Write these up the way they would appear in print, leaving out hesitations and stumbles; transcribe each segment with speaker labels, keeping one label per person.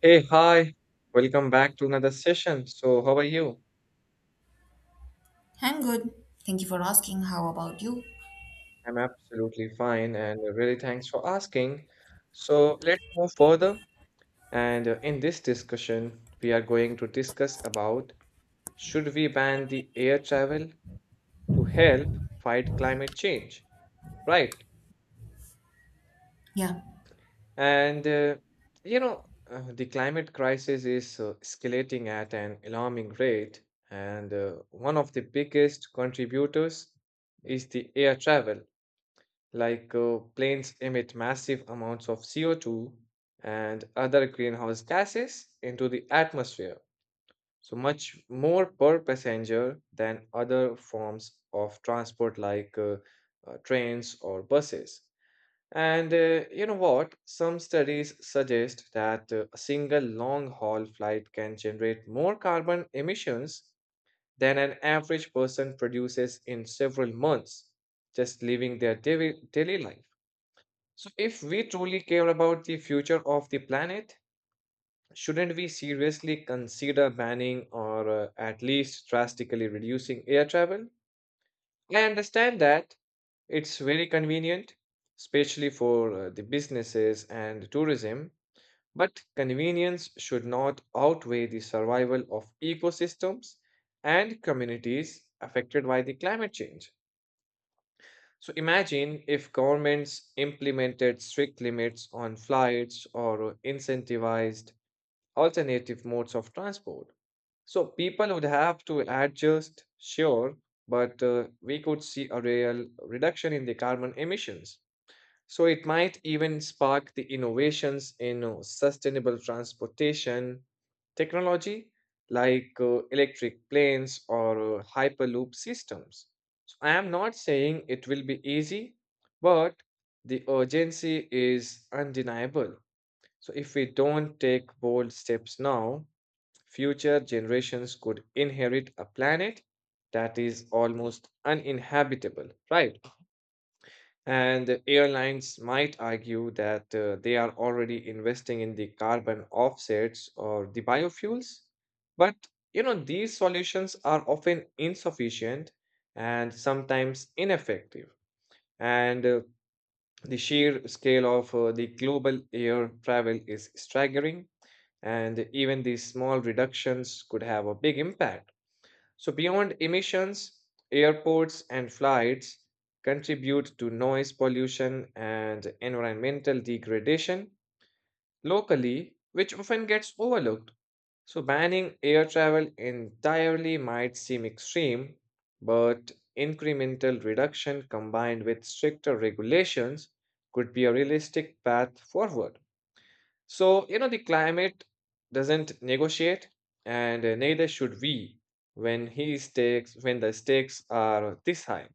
Speaker 1: Hey, hi. Welcome back to another session. So, how are you?
Speaker 2: I'm good. Thank you for asking. How about you?
Speaker 1: I'm absolutely fine and really thanks for asking. So, let's move further. And In this discussion, we are going to discuss about should we ban the air travel to help fight climate change? Right.
Speaker 2: Yeah,
Speaker 1: And uh, you know, the climate crisis is escalating at an alarming rate, and one of the biggest contributors is the air travel like planes emit massive amounts of CO2 and other greenhouse gases into the atmosphere, so much more per passenger than other forms of transport like trains or buses. And You know what? Some studies suggest that a single long haul flight can generate more carbon emissions than an average person produces in several months just living their daily life. So, if we truly care about the future of the planet, shouldn't we seriously consider banning or at least drastically reducing air travel? I understand that it's very convenient, especially for the businesses and tourism, but convenience should not outweigh the survival of ecosystems and communities affected by the climate change. So imagine if governments implemented strict limits on flights or incentivized alternative modes of transport. So people would have to adjust, sure, but we could see a real reduction in the carbon emissions. So it might even spark the innovations in sustainable transportation technology like electric planes or hyperloop systems. So I am not saying it will be easy, but the urgency is undeniable. So if we don't take bold steps now, future generations could inherit a planet that is almost uninhabitable, right? And the airlines might argue that they are already investing in the carbon offsets or the biofuels. But you know, these solutions are often insufficient and sometimes ineffective. And The sheer scale of the global air travel is staggering, and even these small reductions could have a big impact. So, beyond emissions, airports and flights contribute to noise pollution and environmental degradation locally, which often gets overlooked. So, banning air travel entirely might seem extreme, but incremental reduction combined with stricter regulations could be a realistic path forward. So, you know, the climate doesn't negotiate, and neither should we when the stakes are this high.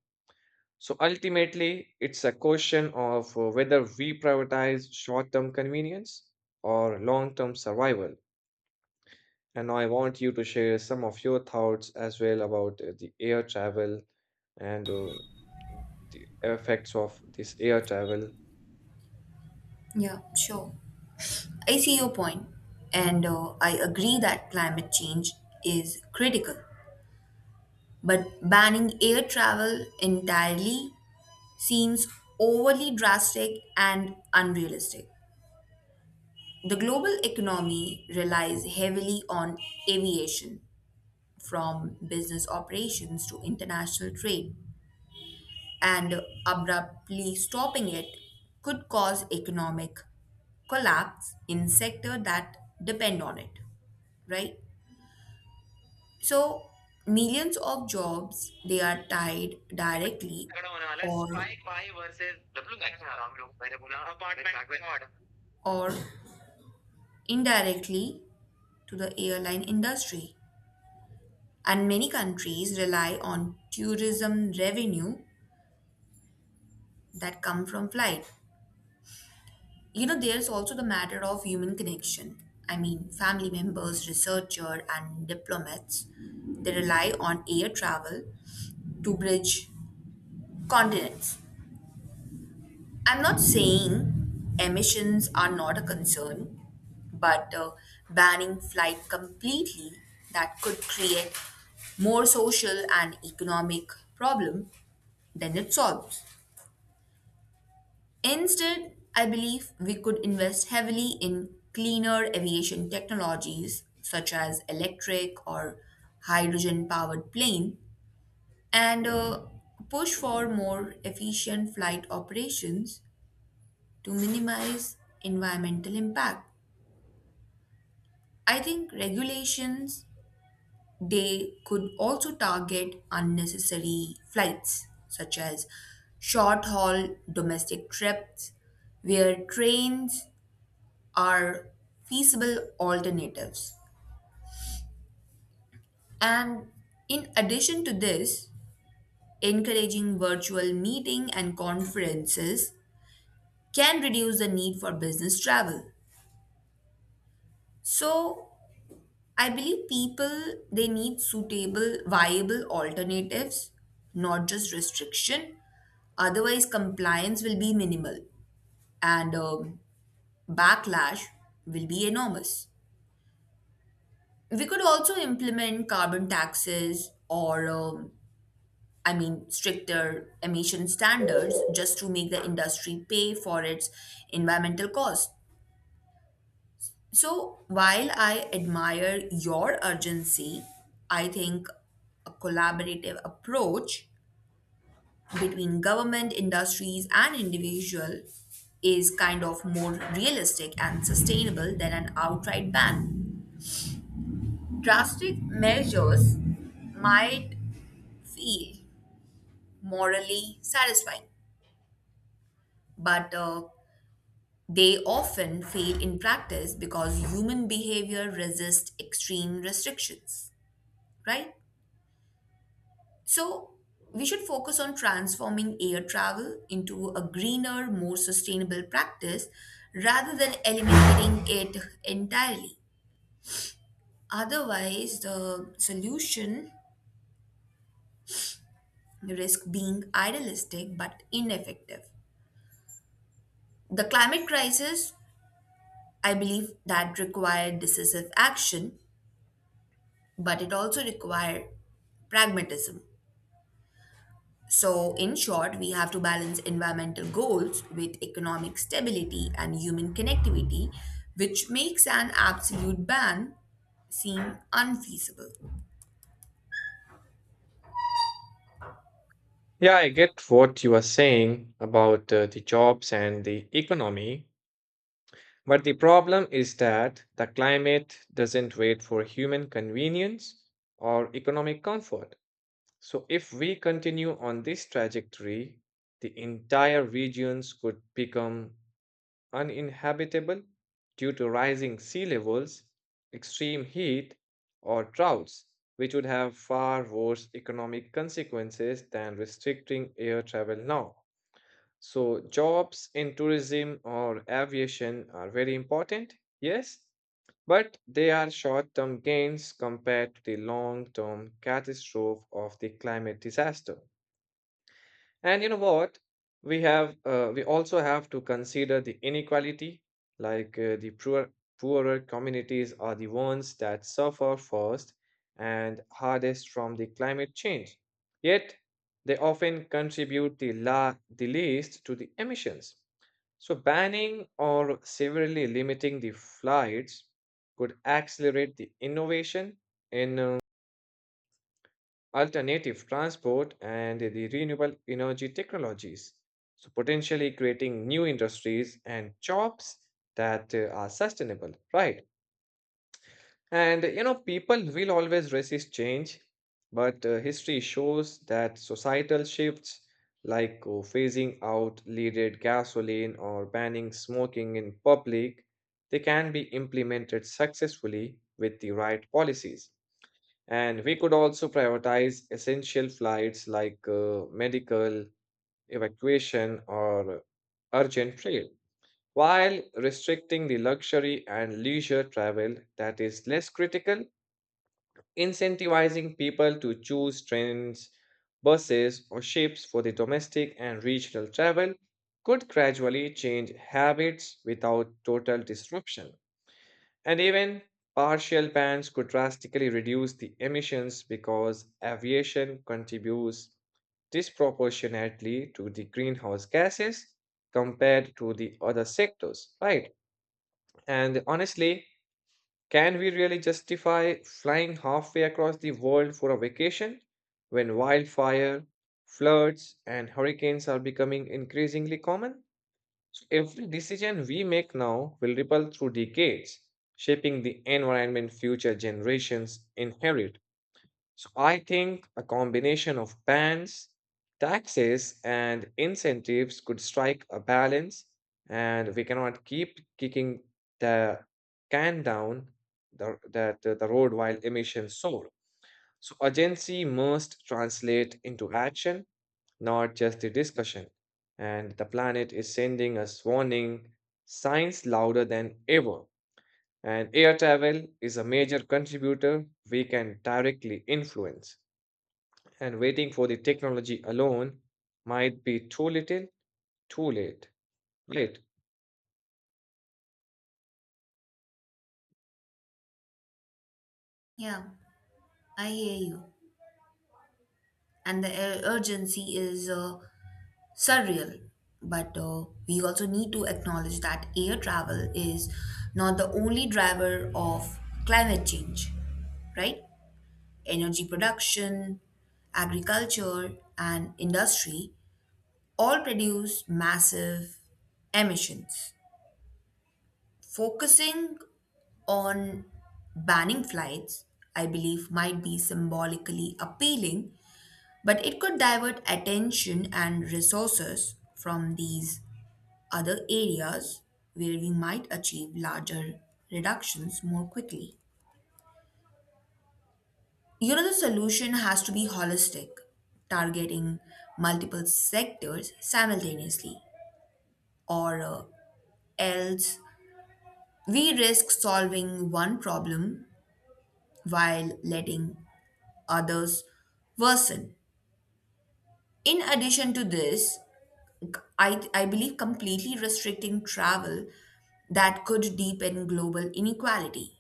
Speaker 1: So ultimately, it's a question of whether we prioritize short-term convenience or long-term survival. And I want you to share some of your thoughts as well about the air travel and the effects of this air travel
Speaker 2: yeah, Sure. I see your point, and I agree that climate change is critical. But banning air travel entirely seems overly drastic and unrealistic. The global economy relies heavily on aviation, from business operations to international trade, and abruptly stopping it could cause economic collapse in sectors that depend on it, right? So millions of jobs, they are tied directly
Speaker 1: होने वाला है
Speaker 2: or
Speaker 1: strike भाई versus W match आ रहा हूँ हम लोग मैंने बोला apartment.
Speaker 2: or indirectly to the airline industry, and many countries rely on tourism revenue that come from flight. You know, there's also the matter of human connection. I mean, family members, researchers, and diplomats, they rely on air travel to bridge continents. I'm not saying emissions are not a concern, but banning flight completely, that could create more social and economic problem than it solves. Instead, I believe we could invest heavily in cleaner aviation technologies such as electric or hydrogen powered plane, and push for more efficient flight operations to minimize environmental impact. I think regulations, they could also target unnecessary flights such as short haul domestic trips where trains are feasible alternatives. And in addition to this, encouraging virtual meeting and conferences can reduce the need for business travel. So, I believe people, they need suitable viable alternatives, not just restriction. Otherwise, compliance will be minimal, and backlash will be enormous. We could also implement carbon taxes or I mean, stricter emission standards just to make the industry pay for its environmental cost. So, while I admire your urgency, I think a collaborative approach between government, industries, and individual is kind of more realistic and sustainable than an outright ban. Drastic measures might feel morally satisfying, but they often fail in practice because human behavior resists extreme restrictions, right? So, we should focus on transforming air travel into a greener, more sustainable practice rather than eliminating it entirely. Otherwise, the solution risks being idealistic but ineffective. The climate crisis, I believe, that required decisive action, but it also requires pragmatism. So, in short, we have to balance environmental goals with economic stability and human connectivity, which makes an absolute ban seem unfeasible.
Speaker 1: Yeah, I get what you are saying about the jobs and the economy, but the problem is that the climate doesn't wait for human convenience or economic comfort. So, if we continue on this trajectory, the entire regions could become uninhabitable due to rising sea levels, extreme heat, or droughts, which would have far worse economic consequences than restricting air travel now. So, jobs in tourism or aviation are very important, yes, but they are short term gains compared to the long term catastrophe of the climate disaster. And you know what? We also have to consider the inequality, like uh, poorer communities are the ones that suffer first and hardest from the climate change. Yet they often contribute the least to the emissions. So banning or severely limiting the flights could accelerate the innovation in alternative transport, and the renewable energy technologies. So, potentially creating new industries and jobs that are sustainable, right? And you know, people will always resist change, but history shows that societal shifts like phasing out leaded gasoline or banning smoking in public they can be implemented successfully with the right policies and we could also prioritize essential flights like medical, evacuation, or urgent travel, while restricting the luxury and leisure travel that is less critical, incentivizing people to choose trains, buses, or ships for the domestic and regional travel could gradually change habits without total disruption. And even partial bans could drastically reduce the emissions because aviation contributes disproportionately to the greenhouse gases compared to the other sectors, right? And honestly, can we really justify flying halfway across the world for a vacation when wildfire, floods, and hurricanes are becoming increasingly common? So every decision we make now will ripple through decades, shaping the environment future generations inherit. So I think a combination of bans, taxes, and incentives could strike a balance, and we cannot keep kicking the can down the, the road while emissions soar. So agency must translate into action not just the discussion. And the planet is sending us warning signs louder than ever. And air travel is a major contributor we can directly influence. And waiting for the technology alone might be too little, too late. Late.
Speaker 2: Yeah, I hear you. And the urgency is surreal. But we also need to acknowledge that air travel is not the only driver of climate change, right? Energy production, agriculture, and industry all produce massive emissions. Focusing on banning flights, I believe, might be symbolically appealing, but it could divert attention and resources from these other areas where we might achieve larger reductions more quickly. You know, the solution has to be holistic, targeting multiple sectors simultaneously, or else we risk solving one problem while letting others worsen. In addition to this, I believe completely restricting travel, that could deepen global inequality.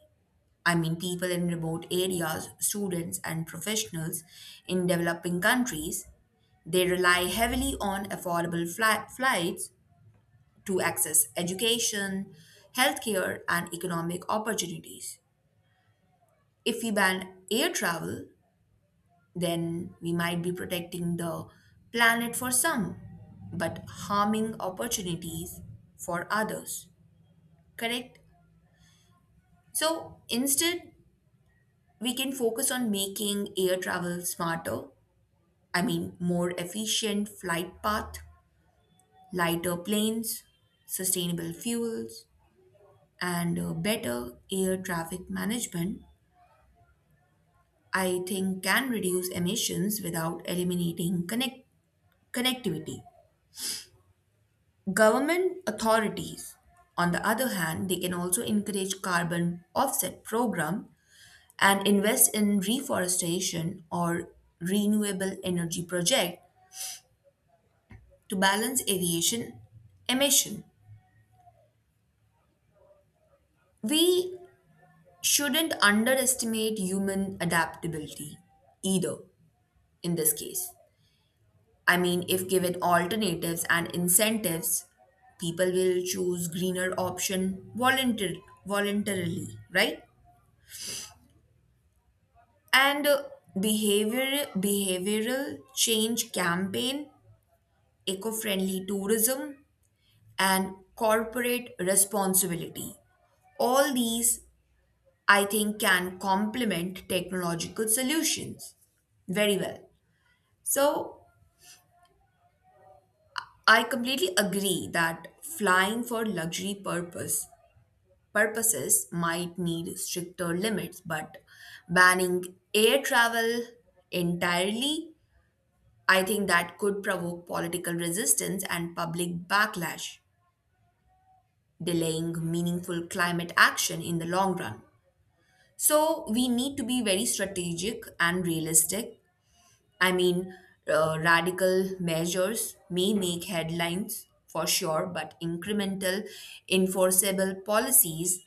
Speaker 2: I mean, people in remote areas, students, and professionals in developing countries, they rely heavily on affordable flights to access education, healthcare, and economic opportunities. If we ban air travel, then we might be protecting the planet for some, but harming opportunities for others. Correct? So instead, we can focus on making air travel smarter. I mean, more efficient flight path, lighter planes, sustainable fuels, and better air traffic management, I think, can reduce emissions without eliminating connectivity. Government authorities, on the other hand, they can also encourage carbon offset program and invest in reforestation or renewable energy project to balance aviation emission. We shouldn't underestimate human adaptability either in this case. I mean, if given alternatives and incentives, people will choose greener option voluntarily, right? And behavioral change campaign, eco-friendly tourism, and corporate responsibility, all these, I think, can complement technological solutions very well. So I completely agree that flying for luxury purpose purposes might need stricter limits, but banning air travel entirely, I think that could provoke political resistance and public backlash, delaying meaningful climate action in the long run. So, we need to be very strategic and realistic. I mean, radical measures may make headlines for sure, but incremental, enforceable policies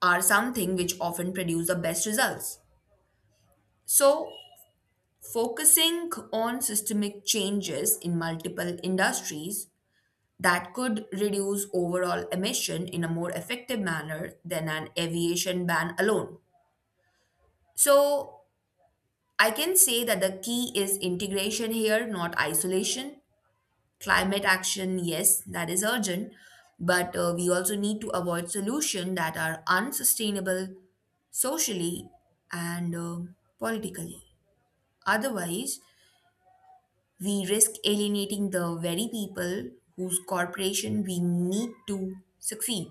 Speaker 2: are something which often produce the best results. So, focusing on systemic changes in multiple industries that could reduce overall emission in a more effective manner than an aviation ban alone. So, I can say that the key is integration here, not isolation. Climate action, yes, that is urgent, but we also need to avoid solutions that are unsustainable socially and politically. Otherwise, we risk alienating the very people whose corporation we need to succeed.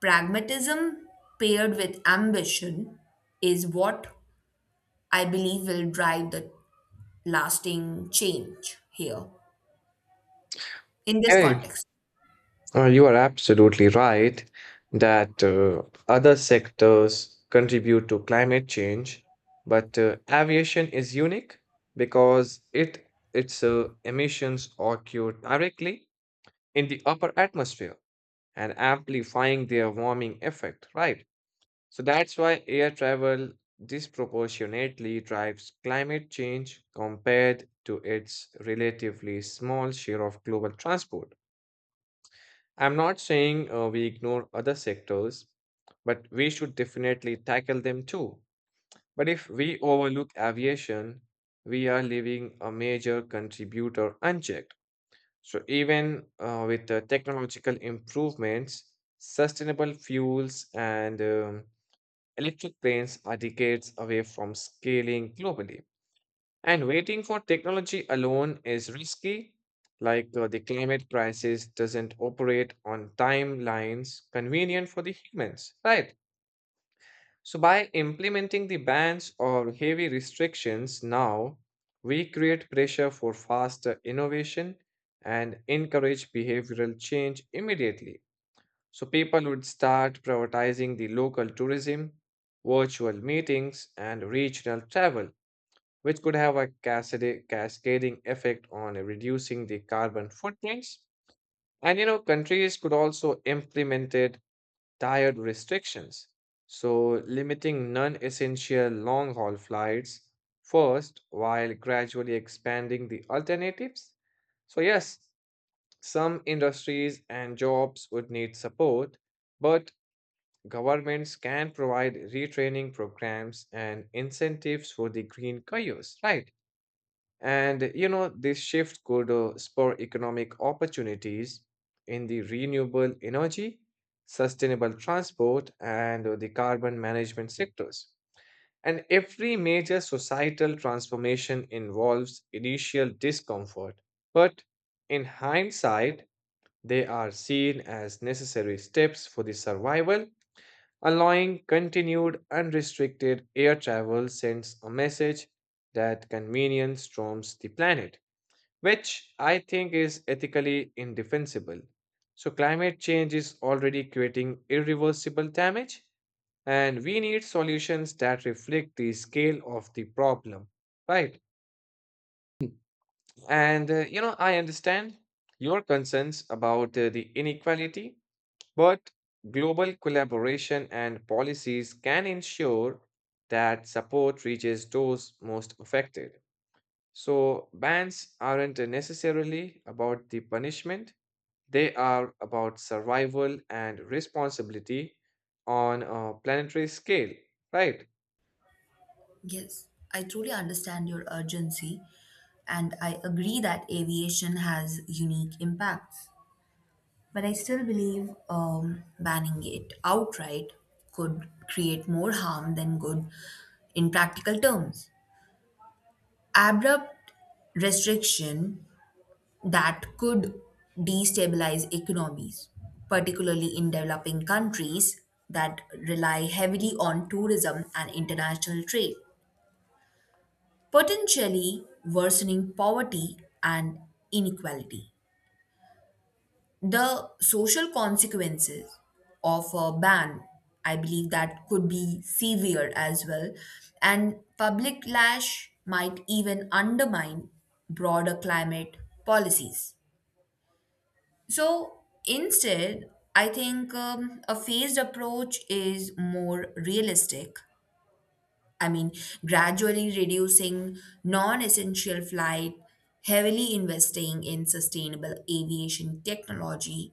Speaker 2: Pragmatism paired with ambition is what I believe will drive the lasting change here in this
Speaker 1: Hey,
Speaker 2: context.
Speaker 1: You are absolutely right that other sectors contribute to climate change, but aviation is unique because it its emissions occur directly in the upper atmosphere and amplifying their warming effect, right? So that's why air travel disproportionately drives climate change compared to its relatively small share of global transport. I'm not saying we ignore other sectors, but we should definitely tackle them too. But if we overlook aviation, we are leaving a major contributor unchecked. So, even with the technological improvements, sustainable fuels and electric planes are decades away from scaling globally. And waiting for technology alone is risky. Like the climate crisis doesn't operate on timelines convenient for the humans, right? So, by implementing the bans or heavy restrictions now, we create pressure for faster innovation and encourage behavioral change immediately. So, people would start prioritizing the local tourism, virtual meetings, and regional travel which could have a cascading effect on reducing the carbon footprints. And you know, countries could also implemented tired restrictions, so limiting non-essential long-haul flights first while gradually expanding the alternatives. So yes, some industries and jobs would need support, but governments can provide retraining programs and incentives for the green careers, right? And you know, this shift could spur economic opportunities in the renewable energy, sustainable transport, and the carbon management sectors. And every major societal transformation involves initial discomfort, but in hindsight, they are seen as necessary steps for the survival, allowing continued unrestricted air travel sends a message that convenience storms the planet which I think is ethically indefensible. So, climate change is already creating irreversible damage, and we need solutions that reflect the scale of the problem. Right. And, you know, I understand your concerns about the inequality, but global collaboration and policies can ensure that support reaches those most affected. So, bans aren't necessarily about the punishment. They are about survival and responsibility on a planetary scale, right?
Speaker 2: Yes, I truly understand your urgency, and I agree that aviation has unique impacts. But I still believe banning it outright could create more harm than good in practical terms. Abrupt restriction, that could destabilize economies, particularly in developing countries that rely heavily on tourism and international trade, potentially worsening poverty and inequality. The social consequences of a ban, I believe that could be severe as well, and public lash might even undermine broader climate policies. So instead, I think a phased approach is more realistic. I mean, gradually reducing non essential flight, heavily investing in sustainable aviation technology,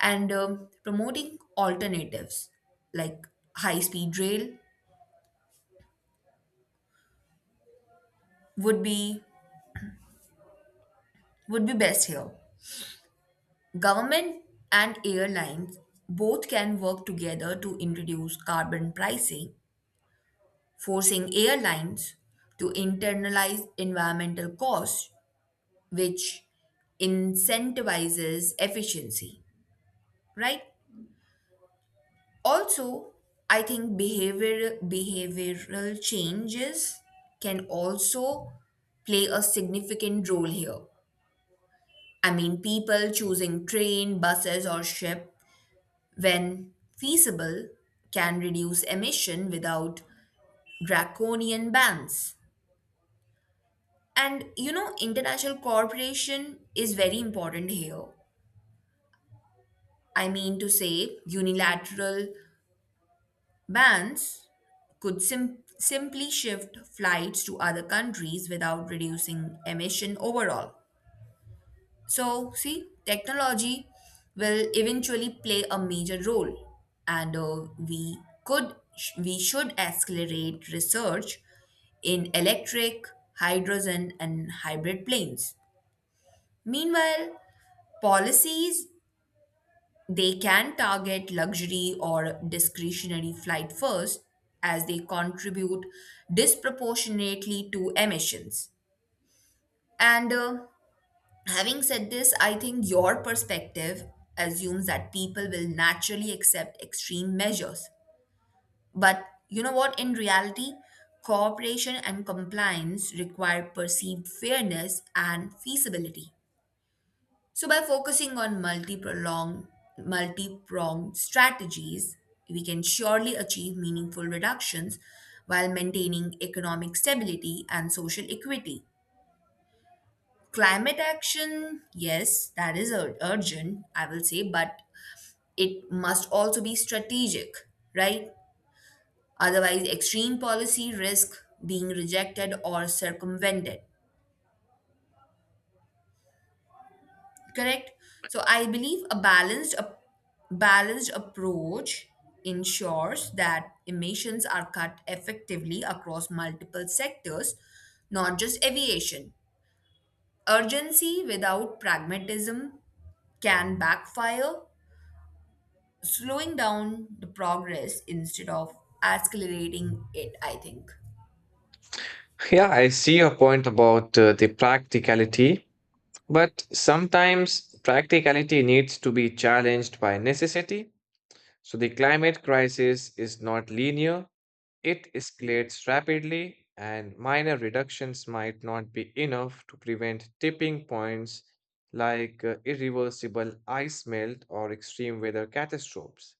Speaker 2: and promoting alternatives like high speed rail would be would be best here. Government and airlines both can work together to introduce carbon pricing, forcing airlines to internalize environmental costs, which incentivizes efficiency, right? Also, I think behavioral changes can also play a significant role here. I mean, people choosing train, buses, or ship when feasible can reduce emission without draconian bans. And you know, international cooperation is very important here. I mean to say, unilateral bans could simply shift flights to other countries without reducing emission overall. So, see, technology will eventually play a major role, and could we should accelerate research in electric, hydrogen, and hybrid planes. Meanwhile, policies, they can target luxury or discretionary flight first, as they contribute disproportionately to emissions. And having said this, I think your perspective assumes that people will naturally accept extreme measures. But you know what? In reality, cooperation and compliance require perceived fairness and feasibility. So by focusing on multi-pronged strategies, we can surely achieve meaningful reductions while maintaining economic stability and social equity. Climate action, yes, that is urgent, I will say, but it must also be strategic, right? Otherwise, extreme policy risk being rejected or circumvented. Correct. So I believe a balanced approach ensures that emissions are cut effectively across multiple sectors, not just aviation. Urgency without pragmatism can backfire, slowing down the progress instead of accelerating it, I think.
Speaker 1: Yeah, I see your point about the practicality, but sometimes practicality needs to be challenged by necessity. So the climate crisis is not linear, it escalates rapidly, and minor reductions might not be enough to prevent tipping points like irreversible ice melt or extreme weather catastrophes.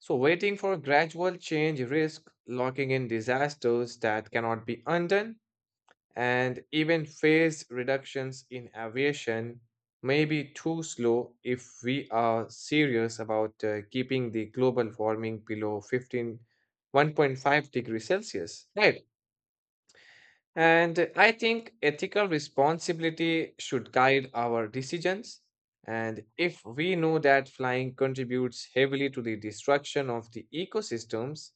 Speaker 1: So, waiting for gradual change risk locking in disasters that cannot be undone, and even phased reductions in aviation may be too slow if we are serious about keeping the global warming below 1.5 degrees Celsius, right? And I think ethical responsibility should guide our decisions. And if we know that flying contributes heavily to the destruction of the ecosystems,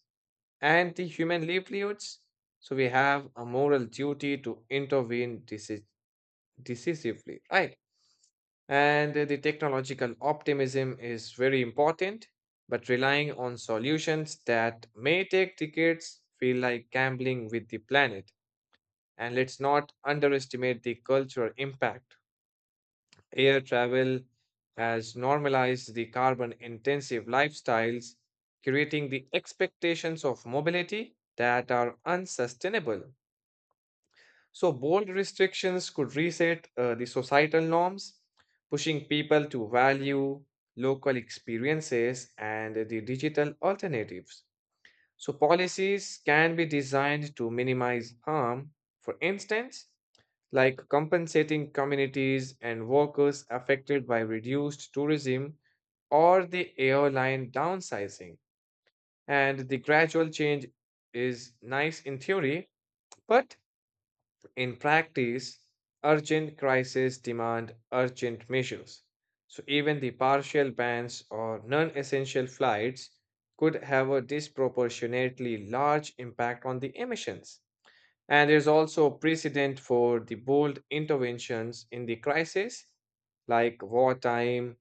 Speaker 1: and the human livelihoods. So we have a moral duty to intervene decisively, right? And the technological optimism is very important, but relying on solutions that may take decades feel like gambling with the planet. And let's not underestimate the cultural impact. Air travel has normalized the carbon intensive lifestyles, creating the expectations of mobility that are unsustainable. So, bold restrictions could reset the societal norms, pushing people to value local experiences and the digital alternatives. So, policies can be designed to minimize harm, for instance, like compensating communities and workers affected by reduced tourism or the airline downsizing. And the gradual change is nice in theory, but in practice, urgent crises demand urgent measures, so even the partial bans or non essential flights could have a disproportionately large impact on the emissions. And there's also precedent for the bold interventions in the crisis, like wartime,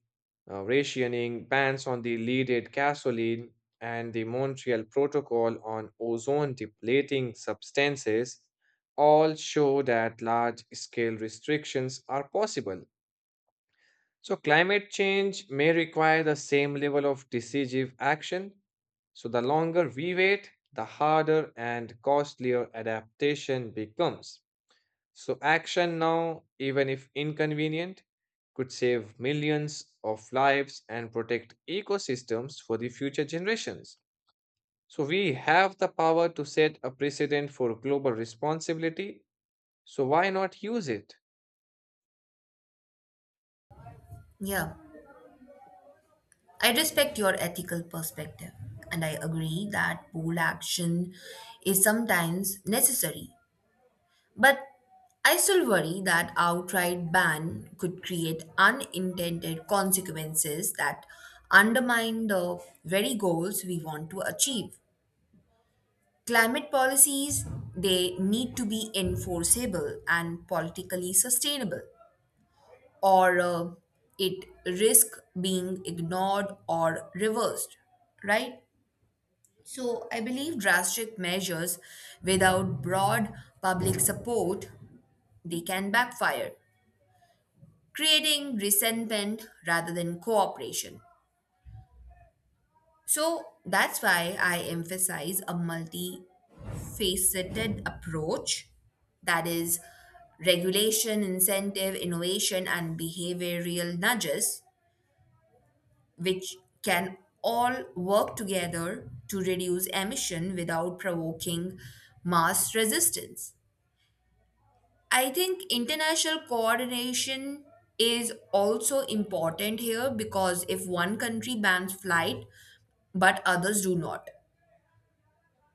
Speaker 1: rationing, bans on the leaded gasoline, and the Montreal Protocol on ozone depleting substances, all show that large scale restrictions are possible. So, climate change may require the same level of decisive action. So, the longer we wait, the harder and costlier adaptation becomes. So, action now, even if inconvenient, could save millions of lives and protect ecosystems for the future generations. So, we have the power to set a precedent for global responsibility. So, why not use it?
Speaker 2: Yeah, I respect your ethical perspective, and I agree that bold action is sometimes necessary. But I still worry that outright ban could create unintended consequences that undermine the very goals we want to achieve. Climate policies, they need to be enforceable and politically sustainable, or it risk being ignored or reversed, right? So I believe drastic measures without broad public support, they can backfire, creating resentment rather than cooperation. So that's why I emphasize a multifaceted approach, that is, regulation, incentive, innovation, and behavioral nudges, which can all work together to reduce emission without provoking mass resistance. I think international coordination is also important here, because if one country bans flight but others do not,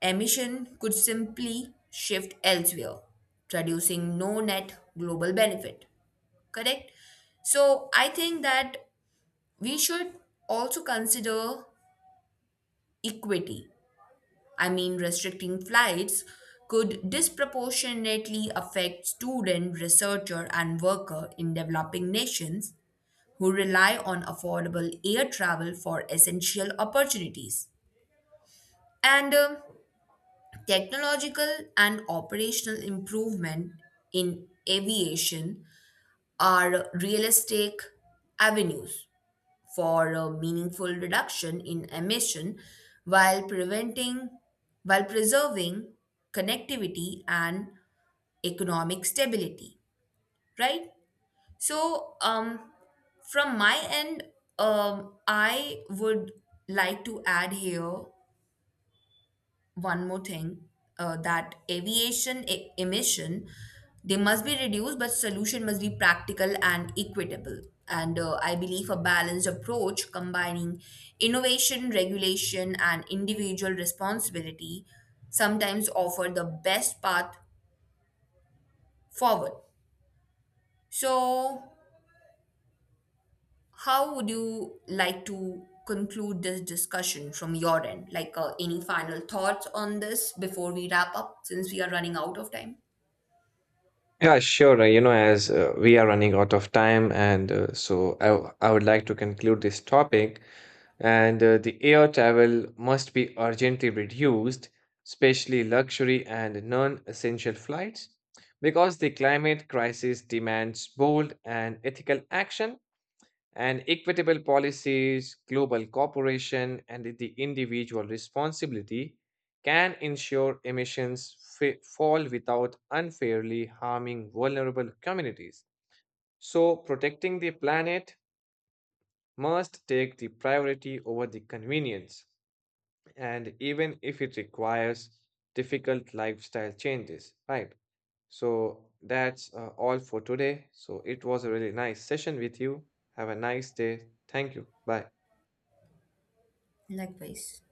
Speaker 2: emission could simply shift elsewhere, producing no net global benefit. Correct? So I think that we should also consider equity. I mean, restricting flights could disproportionately affect student, researcher, and worker in developing nations who rely on affordable air travel for essential opportunities. And technological and operational improvement in aviation are realistic avenues for a meaningful reduction in emission while preventing while preserving connectivity and economic stability, right? So, from my end, I would like to add here one more thing, that aviation emission, they must be reduced, but solution must be practical and equitable. And I believe a balanced approach combining innovation, regulation, and individual responsibility sometimes offer the best path forward. So, how would you like to conclude this discussion from your end? Like, any final thoughts on this before we wrap up since we are running out of time?
Speaker 1: Yeah, sure. You know, as we are running out of time, and so I would like to conclude this topic. And the air travel must be urgently reduced, especially luxury and non essential flights, because the climate crisis demands bold and ethical action and equitable policies, global cooperation, and the individual responsibility can ensure emissions fall without unfairly harming vulnerable communities. So, protecting the planet must take the priority over the convenience and even if it requires difficult lifestyle changes, right? So that's all for today. So it was a really nice session with you. Have a nice day. Thank you. Bye.
Speaker 2: Likewise.